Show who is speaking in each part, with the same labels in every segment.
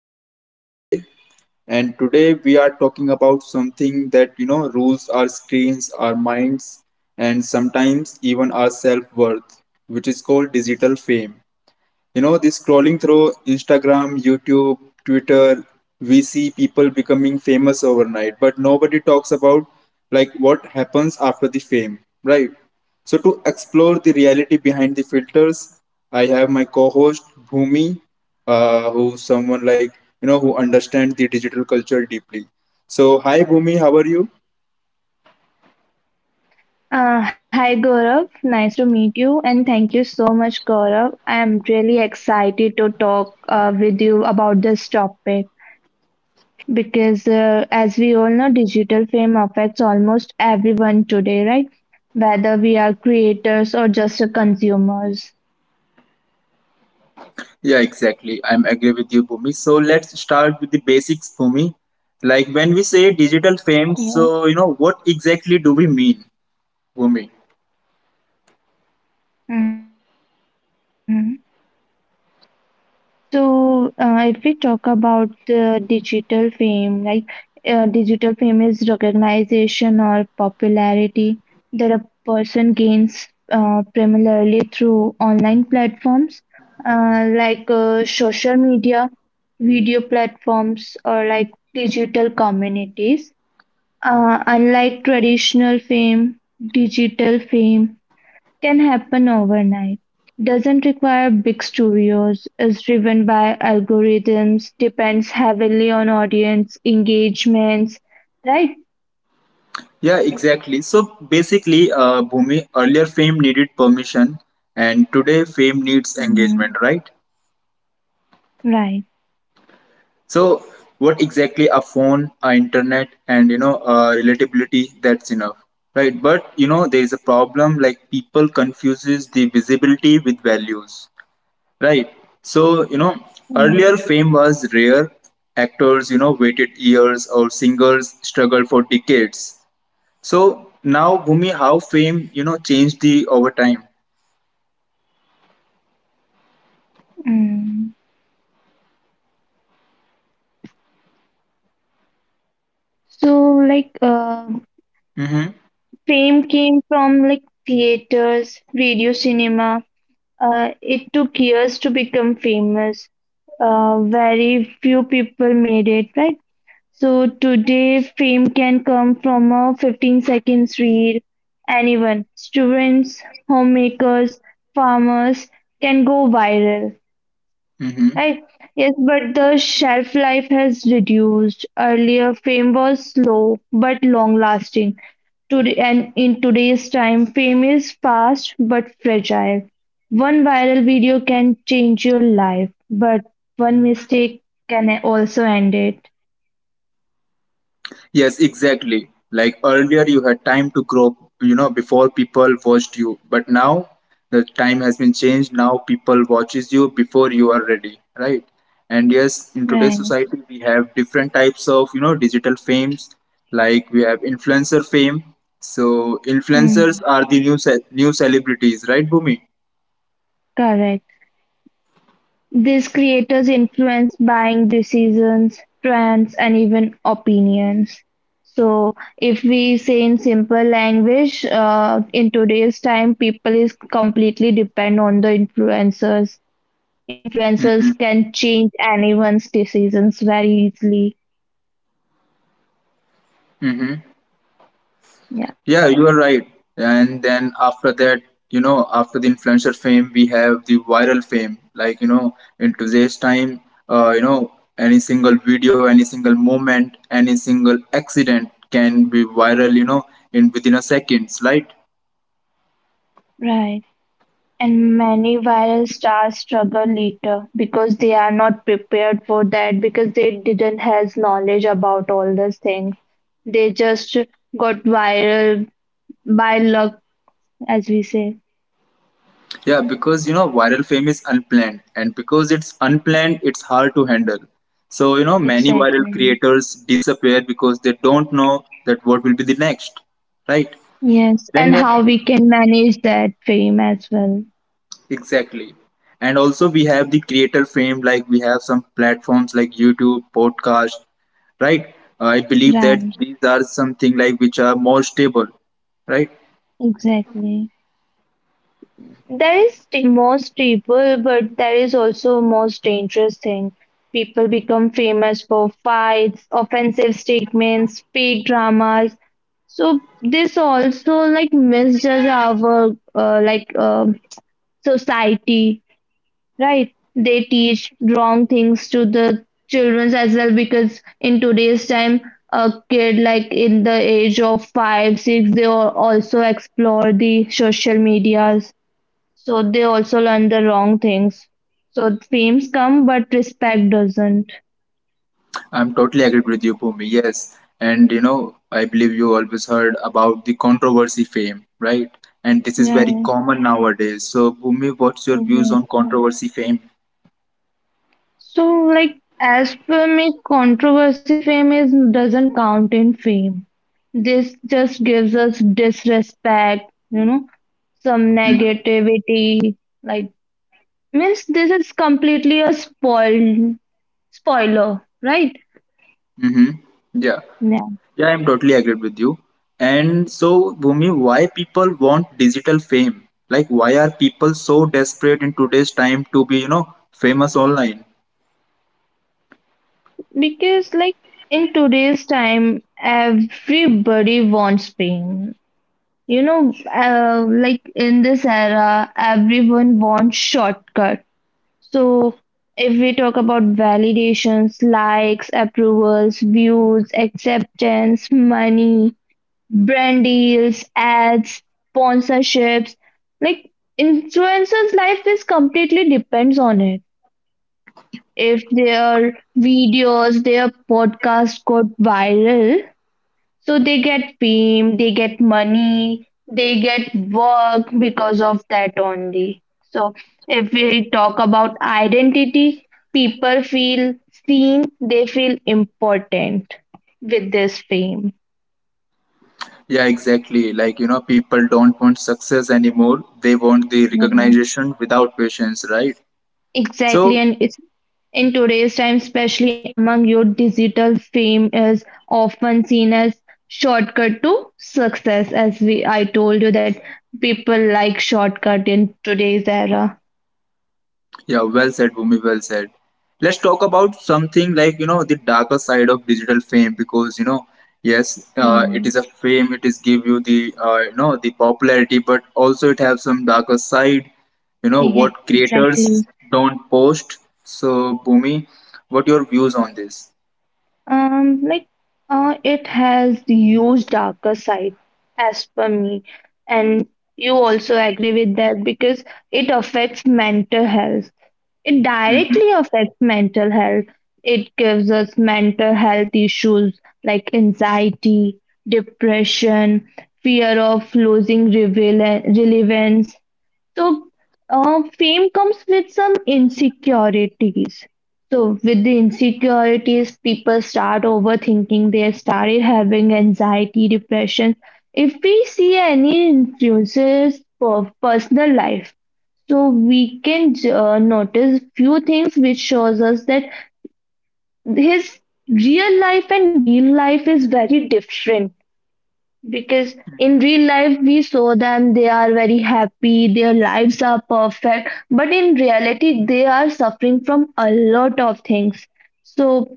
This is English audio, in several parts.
Speaker 1: co-host for the day, and today we are talking about something that you know rules our screens, our minds, and sometimes even our self-worth, which is called digital fame. You know, this scrolling through Instagram, YouTube, Twitter, we see people becoming famous overnight, but nobody talks about like what happens after the fame, right? So to explore the reality behind the filters, I have my co-host Bhumi, who someone like you know who understands the digital culture deeply. So hi Bhumi, how are you?
Speaker 2: Hi Gaurav, nice to meet you, and thank you so much, Gaurav. I am really excited to talk with you about this topic because, as we all know, digital fame affects almost everyone today, right? Whether we are creators or just consumers.
Speaker 1: Yeah, exactly. I'm agree with you, Bhumi. So let's start with the basics, Bhumi. Like when we say digital fame,
Speaker 2: Yeah.
Speaker 1: so you know what exactly do we mean, Bhumi?
Speaker 2: Mhm. So, if we talk about the digital fame, like digital fame is recognition or popularity that a person gains primarily through online platforms like social media, video platforms, or like digital communities. Unlike traditional fame, digital fame can happen overnight, doesn't require big studios, is driven by algorithms, depends heavily on audience engagements, right?
Speaker 1: Yeah, exactly. So basically, Bhumi, earlier fame needed permission, and today fame needs engagement,
Speaker 2: Mhm.
Speaker 1: right?
Speaker 2: Right.
Speaker 1: So what exactly a phone, a internet, and you know, relatability that's enough, right? But you know, there is a problem. Like people confuses the visibility with values. Right. So, you know, earlier fame
Speaker 2: Mm,
Speaker 1: was rare. Actors, you know, waited years or singers struggled for decades. So now, Bhumi, how fame, you know, changed the over time.
Speaker 2: mm. So, like
Speaker 1: Mm-hmm.
Speaker 2: fame came from like theaters, radio, cinema. It took years to become famous. Very few people made it, right? So today, fame can come from a 15 seconds reel. Anyone, students, homemakers, farmers can go viral,
Speaker 1: Mm-hmm.
Speaker 2: right? Yes, but the shelf life has reduced. Earlier, fame was slow but long lasting. Today, and in today's time, fame is fast but fragile. One viral video can change your life, but one mistake can also end it.
Speaker 1: Yes, exactly. Like earlier, you had time to grow, you know, before people watched you. But now the time has been changed. Now people watches you before you are ready, right? And yes, in
Speaker 2: Right.
Speaker 1: today's society, we have different types of, you know, digital fames. Like we have influencer fame. So
Speaker 2: Hmm.
Speaker 1: influencers are the new new celebrities, right, Bhumi?
Speaker 2: Correct. These creators influence buying decisions, trends, and even opinions. So, if we say in simple language, in today's time, people is completely depend on the influencers. Influencers can change anyone's decisions very easily.
Speaker 1: Mm-hmm.
Speaker 2: Yeah,
Speaker 1: Yeah, you are right. And then after that, you know, after the influencer fame, we have the viral fame. Like, you know, in today's time, you know, any single video, any single moment, any single accident can be viral, you know, in within a seconds, right?
Speaker 2: right. And many viral stars struggle later because they are not prepared for that because they didn't has knowledge about all those things. They just got viral by luck, as we say.
Speaker 1: Yeah, because you know, viral fame is unplanned, and because it's unplanned, it's hard to handle. So, you know, many viral
Speaker 2: Exactly.
Speaker 1: creators disappear because they don't know that what will be the next, right?
Speaker 2: Yes.
Speaker 1: Then
Speaker 2: And
Speaker 1: yes,
Speaker 2: how we can manage that fame as well.
Speaker 1: exactly. And also we have the creator fame, like we have some platforms like YouTube, podcast, right? I believe
Speaker 2: Right.
Speaker 1: that these are something like which are more stable, right?
Speaker 2: Exactly. There is the most people, but there is also most dangerous thing. People become famous for fights, offensive statements, fake dramas. So this also like misjudge our uh, like uh, society, right? They teach wrong things to the children as well because in today's time, a kid like in the age of five, six, they also explore the social media, so they also learn the wrong things. So fame's come, but respect doesn't.
Speaker 1: I'm totally agreed with you, Bhumi. Yes. And you know, I believe you always heard about the controversy fame, right? And this is
Speaker 2: Yeah,
Speaker 1: very common nowadays. So, Bhumi, what's your views on
Speaker 2: exactly.
Speaker 1: controversy fame?
Speaker 2: So like as per me, controversy fame is doesn't count in fame. This just gives us disrespect, you know, some negativity. Like means this is completely a spoiler, right?
Speaker 1: Mm-hmm. Yeah.
Speaker 2: Yeah.
Speaker 1: Yeah, I'm totally agreed with you. And so, Bhumi, why people want digital fame? Like, why are people so desperate in today's time to be, you know, famous online?
Speaker 2: Because like in today's time, everybody wants fame. You know, like in this era, everyone wants shortcut. So if we talk about validations, likes, approvals, views, acceptance, money, brand deals, ads, sponsorships, like influencers' life is completely depends on it. If their videos, their podcast got viral, so they get fame, they get money, they get work because of that only. So if we talk about identity, people feel seen, they feel important with this fame.
Speaker 1: Yeah, exactly. Like, you know, people don't want success anymore. They want the
Speaker 2: Yeah.
Speaker 1: recognition without patience, right?
Speaker 2: Exactly,
Speaker 1: So,
Speaker 2: and it's in today's time, especially among youth, digital fame is often seen as shortcut to success. As we, I told you that people like shortcut in today's era.
Speaker 1: yeah, well said, Bhumi, well said. Let's talk about something like, you know, the darker side of digital fame because, you know, yes, it is a fame, it is give you the, you know, the popularity, but also it have some darker side, you know,
Speaker 2: Yeah,
Speaker 1: what creators
Speaker 2: exactly.
Speaker 1: don't post. So, Bhumi, what your views on this?
Speaker 2: Like, it has the huge darker side, as per me, and you also agree with that because it affects mental health. It
Speaker 1: Hmm.
Speaker 2: directly affects mental health. It gives us mental health issues like anxiety, depression, fear of losing relevance. So, fame comes with some insecurities. So, with the insecurities, people start overthinking, they started having anxiety, depression. If we see any influences of personal life, so we can notice few things which shows us that his real life and real life is very different because in real life, we saw them, they are very happy, their lives are perfect, but in reality, they are suffering from a lot of things. So,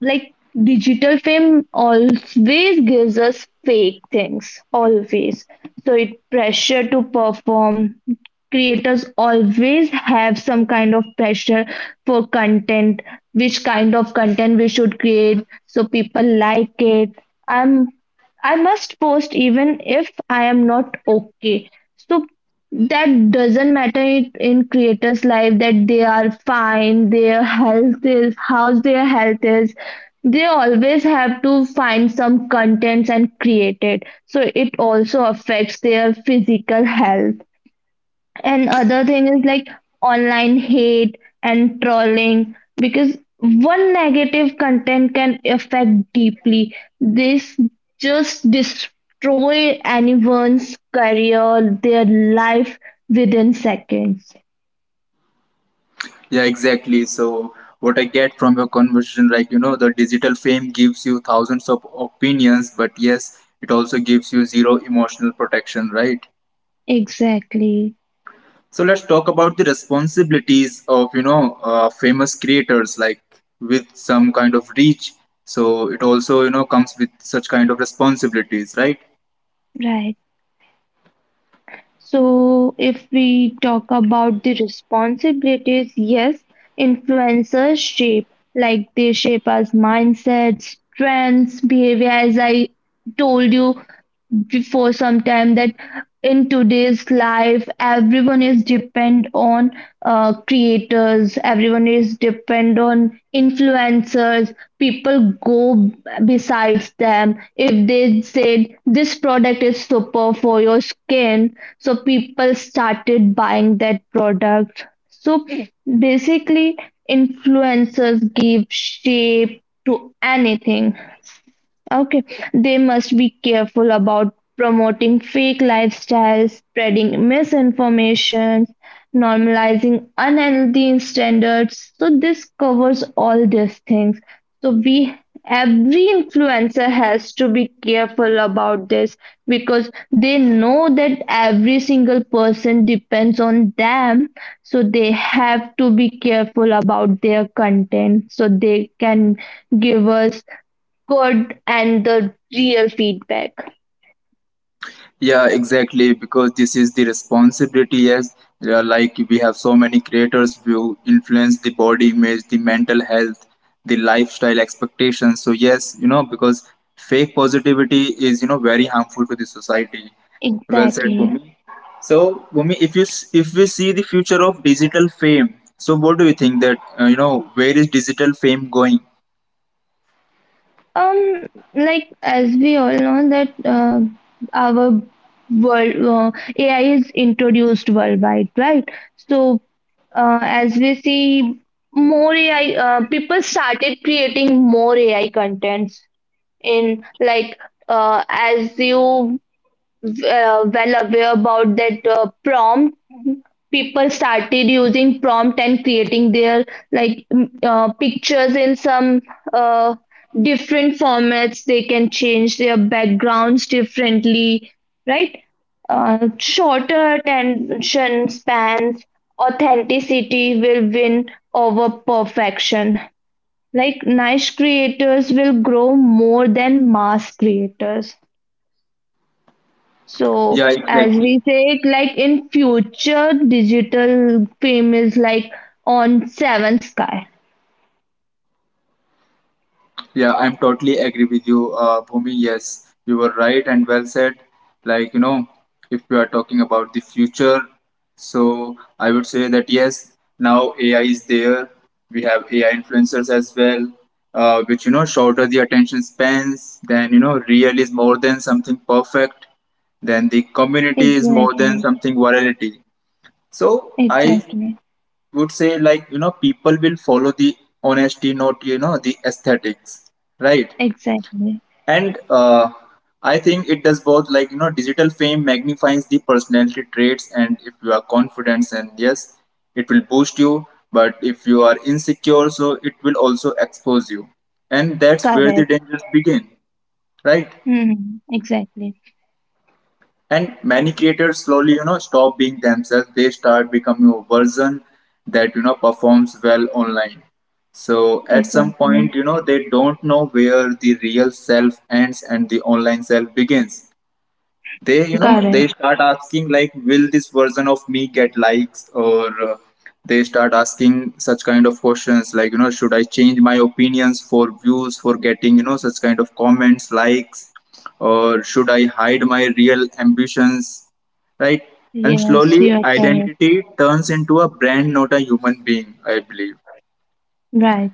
Speaker 2: like digital fame always gives us fake things always, so it pressure to perform. Creators always have some kind of pressure for content, which kind of content we should create so people like it. I'm I must post even if I am not okay. So that doesn't matter in creators life that they are fine, their health is how their health is. They always have to find some contents and create it, so it also affects their physical health. And other thing is like online hate and trolling because one negative content can affect deeply. This just destroy anyone's career, their life within seconds.
Speaker 1: Yeah, exactly. So, what I get from your conversation, like, you know, the digital fame gives you thousands of opinions, but yes, it also gives you zero emotional protection, right?
Speaker 2: Exactly,
Speaker 1: So let's talk about the responsibilities of you know famous creators like with some kind of reach. So it also you know comes with such kind of responsibilities, right?
Speaker 2: right. So, if we talk about the responsibilities, yes, influencers shape, like they shape us mindsets, trends, behavior, as I told you, before some time, that in today's life everyone is depend on creators, everyone is depend on influencers, people go besides them. If they said this product is super for your skin, so people started buying that product. So basically influencers give shape to anything. Okay, they must be careful about promoting fake lifestyles, spreading misinformation, normalizing unhealthy standards. So this covers all these things. So we every influencer has to be careful about this because they know that every single person depends on them, so they have to be careful about their content so they can give us good and the real feedback.
Speaker 1: Yeah, exactly. Because this is the responsibility, as like we have so many creators who influence the body image, the mental health, the lifestyle expectations. So yes, you know, because fake positivity is you know very harmful to the society. Well said,
Speaker 2: Exactly.
Speaker 1: Bhumi. So, Bhumi, if you if we see the future of digital fame, so what do you think that you know where is digital fame going?
Speaker 2: Um, like, as we all know that our world AI is introduced worldwide, right? So as we see more AI, people started creating more AI contents in like as you well aware about that prompt. People started using prompt and creating their like pictures in some uh, different formats, they can change their backgrounds differently, right? Shorter attention spans, authenticity will win over perfection, like niche creators will grow more than mass creators. So
Speaker 1: Yeah,
Speaker 2: as
Speaker 1: exactly.
Speaker 2: we say it, like in future, digital fame is like on seventh sky.
Speaker 1: Yeah, I'm totally agree with you, Bhumi. Yes, you were right and well said. Like, you know, if we are talking about the future, so I would say that yes, now AI is there. We have AI influencers as well, which, you know, shorter the attention spans, then, you know, real is more than something perfect, then the community is more than
Speaker 2: Exactly.
Speaker 1: something virality. So I
Speaker 2: Exactly.
Speaker 1: would say, like, you know, people will follow the honesty, not, you know, the aesthetics, right?
Speaker 2: Exactly.
Speaker 1: And I think it does both, like you know digital fame magnifies the personality traits, and if you are confident and yes, it will boost you, but if you are insecure so it will also expose you, and that's where the
Speaker 2: Correct.
Speaker 1: dangers begin, right?
Speaker 2: Hmm. Exactly.
Speaker 1: And many creators slowly you know stop being themselves. They start becoming a version that you know performs well online, so at some point,
Speaker 2: Exactly.
Speaker 1: you know, they don't know where the real self ends and the online self begins. They you know
Speaker 2: Correct.
Speaker 1: they start asking like will this version of me get likes, or they start asking such kind of questions like you know should I change my opinions for views, for getting you know such kind of comments likes, or should I hide my real ambitions, right? And
Speaker 2: Yes,
Speaker 1: slowly
Speaker 2: you are correct.
Speaker 1: identity turns into a brand, not a human being, I believe,
Speaker 2: Right.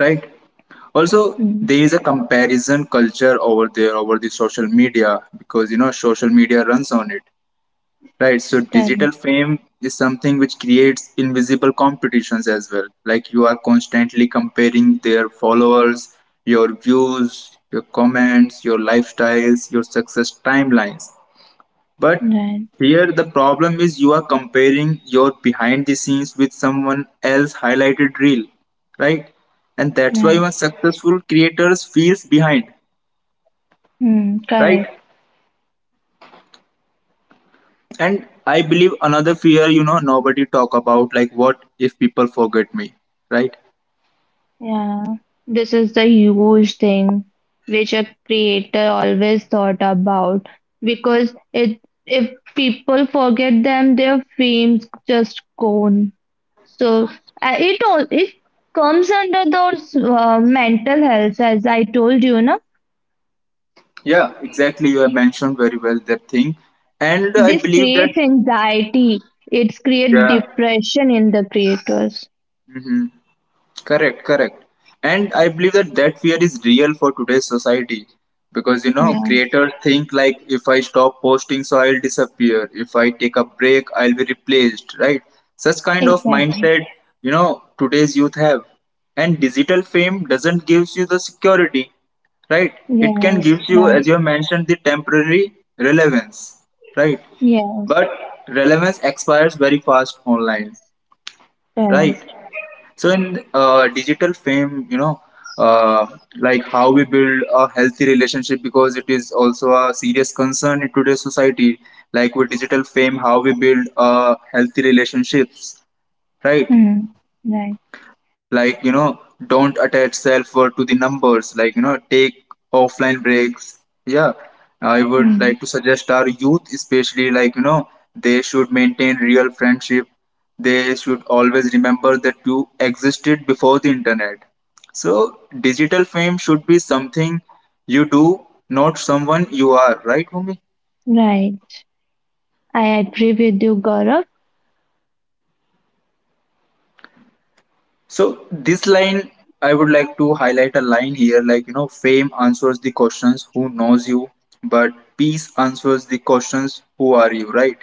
Speaker 1: right? Also
Speaker 2: Mm.
Speaker 1: there is a comparison culture over there over the social media because you know social media runs on it. Right, so
Speaker 2: Correct.
Speaker 1: digital fame is something which creates invisible competitions as well. Like you are constantly comparing their followers, your views, your comments, your lifestyles, your success timelines. But
Speaker 2: Right.
Speaker 1: here the problem is you are comparing your behind the scenes with someone else highlighted reel, right? And that's why
Speaker 2: Right.
Speaker 1: even successful creators feels behind,
Speaker 2: Mm.
Speaker 1: right?
Speaker 2: Correct.
Speaker 1: And I believe another fear, you know, nobody talk about like what if people forget me, right?
Speaker 2: Yeah, this is the huge thing which a creator always thought about because it, if people forget them, their fame's just gone. So it all it comes under those mental health, as I told you, no?
Speaker 1: Yeah, exactly. You have mentioned very well that thing, and I
Speaker 2: This
Speaker 1: believe that.
Speaker 2: creates anxiety. It's create
Speaker 1: Yeah.
Speaker 2: depression in the creators.
Speaker 1: Hmm. Correct, correct. And I believe that that fear is real for today's society because you know
Speaker 2: Yeah,
Speaker 1: creators think like if I stop posting, so I'll disappear. If I take a break, I'll be replaced. Right? Such kind of
Speaker 2: exactly.
Speaker 1: mindset, you know, today's youth have. And digital fame doesn't gives you the security, right? It can give
Speaker 2: Yes,
Speaker 1: you,
Speaker 2: right.
Speaker 1: as you have mentioned, the temporary relevance, right?
Speaker 2: Yes,
Speaker 1: But relevance expires very fast online, right?
Speaker 2: correct.
Speaker 1: So in digital fame, you know, uh, like how we build a healthy relationship because it is also a serious concern in today's society. Like with digital fame, how we build healthy relationships, right?
Speaker 2: Hmm. Right.
Speaker 1: Like you know don't attach self-worth to the numbers, like you know take offline breaks. Yeah, I would
Speaker 2: Hmm.
Speaker 1: like to suggest our youth especially, like you know they should maintain real friendship. They should always remember that you existed before the internet, so digital fame should be something you do, not someone you are, right Bhumi?
Speaker 2: Right. I agree with you, Gaurav.
Speaker 1: So this line, I would like to highlight a line here, like you know, fame answers the questions who knows you, but peace answers the questions who are you, right?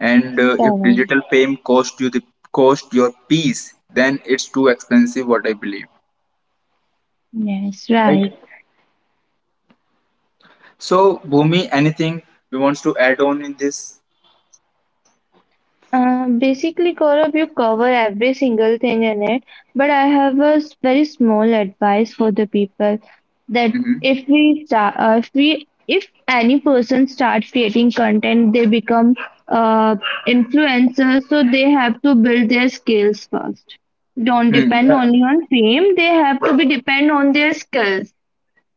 Speaker 1: And if
Speaker 2: Gaurav.
Speaker 1: digital fame cost you the cost your peace, then it's too expensive, what I believe,
Speaker 2: Yes,
Speaker 1: right?
Speaker 2: right.
Speaker 1: So Bhumi, anything you wants to add on in this?
Speaker 2: Basically, Gaurav, you cover every single thing in it, but I have a very small advice for the people that
Speaker 1: Hmm.
Speaker 2: if we start, if we, if any person starts creating content, they become uh, influencers, so they have to build their skills first. Don't
Speaker 1: Hmm.
Speaker 2: depend
Speaker 1: Yeah,
Speaker 2: only on fame, they have to be depend on their skills.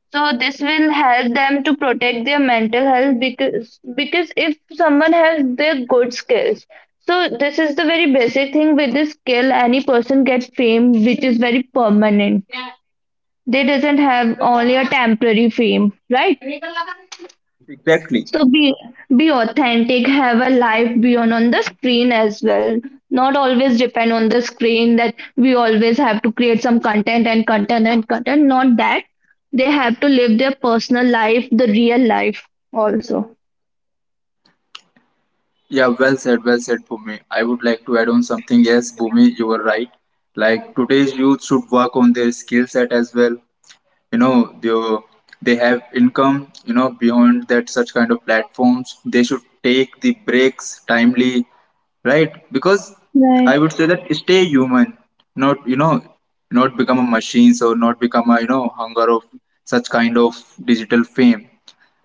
Speaker 2: So this will help them to protect their mental health because if someone has their good skills, so this is the very basic thing. With this skill any person gets fame which is very permanent. They doesn't have only a temporary fame, right?
Speaker 1: exactly.
Speaker 2: So be authentic, have a life beyond on the screen as well. Not always depend on the screen that we always have to create some content and content and content. Not that. They have to live their personal life, the real life also.
Speaker 1: Yeah, well said, Bhumi. I would like to add on something. Yes, Bhumi, you were right. Like today's youth should work on their skill set as well. You know, they have income. You know, beyond that, such kind of platforms, they should take the breaks timely, right? Because
Speaker 2: Right,
Speaker 1: I would say that stay human, not you know, not become a machine, so not become a you know hunger of such kind of digital fame.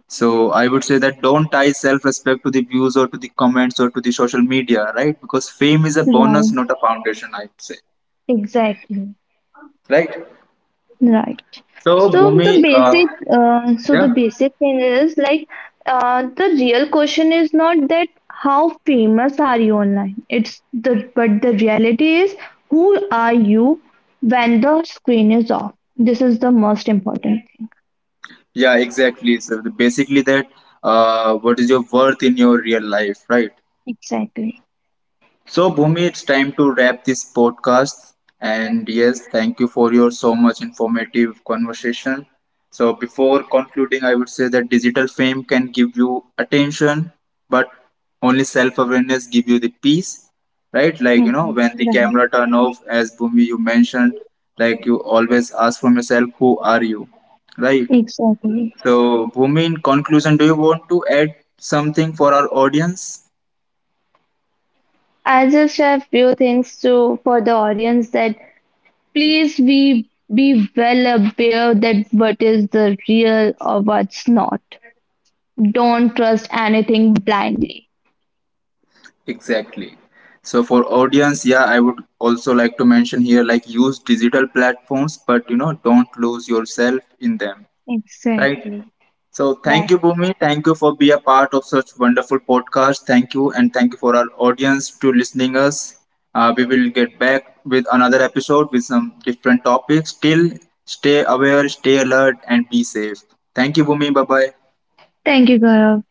Speaker 1: So I would say that don't tie self-respect to the views or to the comments or to the social media, right? Because fame is a bonus,
Speaker 2: right.
Speaker 1: not a foundation. I would say,
Speaker 2: Exactly.
Speaker 1: right?
Speaker 2: Right.
Speaker 1: So Bhumi,
Speaker 2: So
Speaker 1: yeah,
Speaker 2: the basic thing is like the real question is not that how famous are you online. It's the but the reality is who are you when the screen is off. This is the most important thing.
Speaker 1: yeah, exactly. So basically, that what is your worth in your real life, right?
Speaker 2: Exactly.
Speaker 1: So, Bhumi, it's time to wrap this podcast. And yes, thank you for your so much informative conversation. So, before concluding, I would say that digital fame can give you attention, but only self awareness give you the peace, right? Like, you know,
Speaker 2: Mhm.
Speaker 1: when the
Speaker 2: Right.
Speaker 1: camera turn off, as Bhumi, you mentioned, like you always ask from yourself, who are you, right?
Speaker 2: Exactly.
Speaker 1: So, Bhumi, in conclusion, do you want to add something for our audience?
Speaker 2: I just have few things to for the audience that please be well aware that what is the real or what's not. Don't trust anything blindly.
Speaker 1: Exactly. So for audience, yeah, I would also like to mention here like use digital platforms, but you know, don't lose yourself in them. Right.
Speaker 2: Exactly.
Speaker 1: So thank
Speaker 2: Right.
Speaker 1: you, Bhumi. Thank you for be a part of such wonderful podcast. Thank you, and thank you for our audience to listening us. We will get back with another episode with some different topics. Till stay aware, stay alert, and be safe. Thank you, Bhumi. Bye bye.
Speaker 2: Thank you, Gaurav.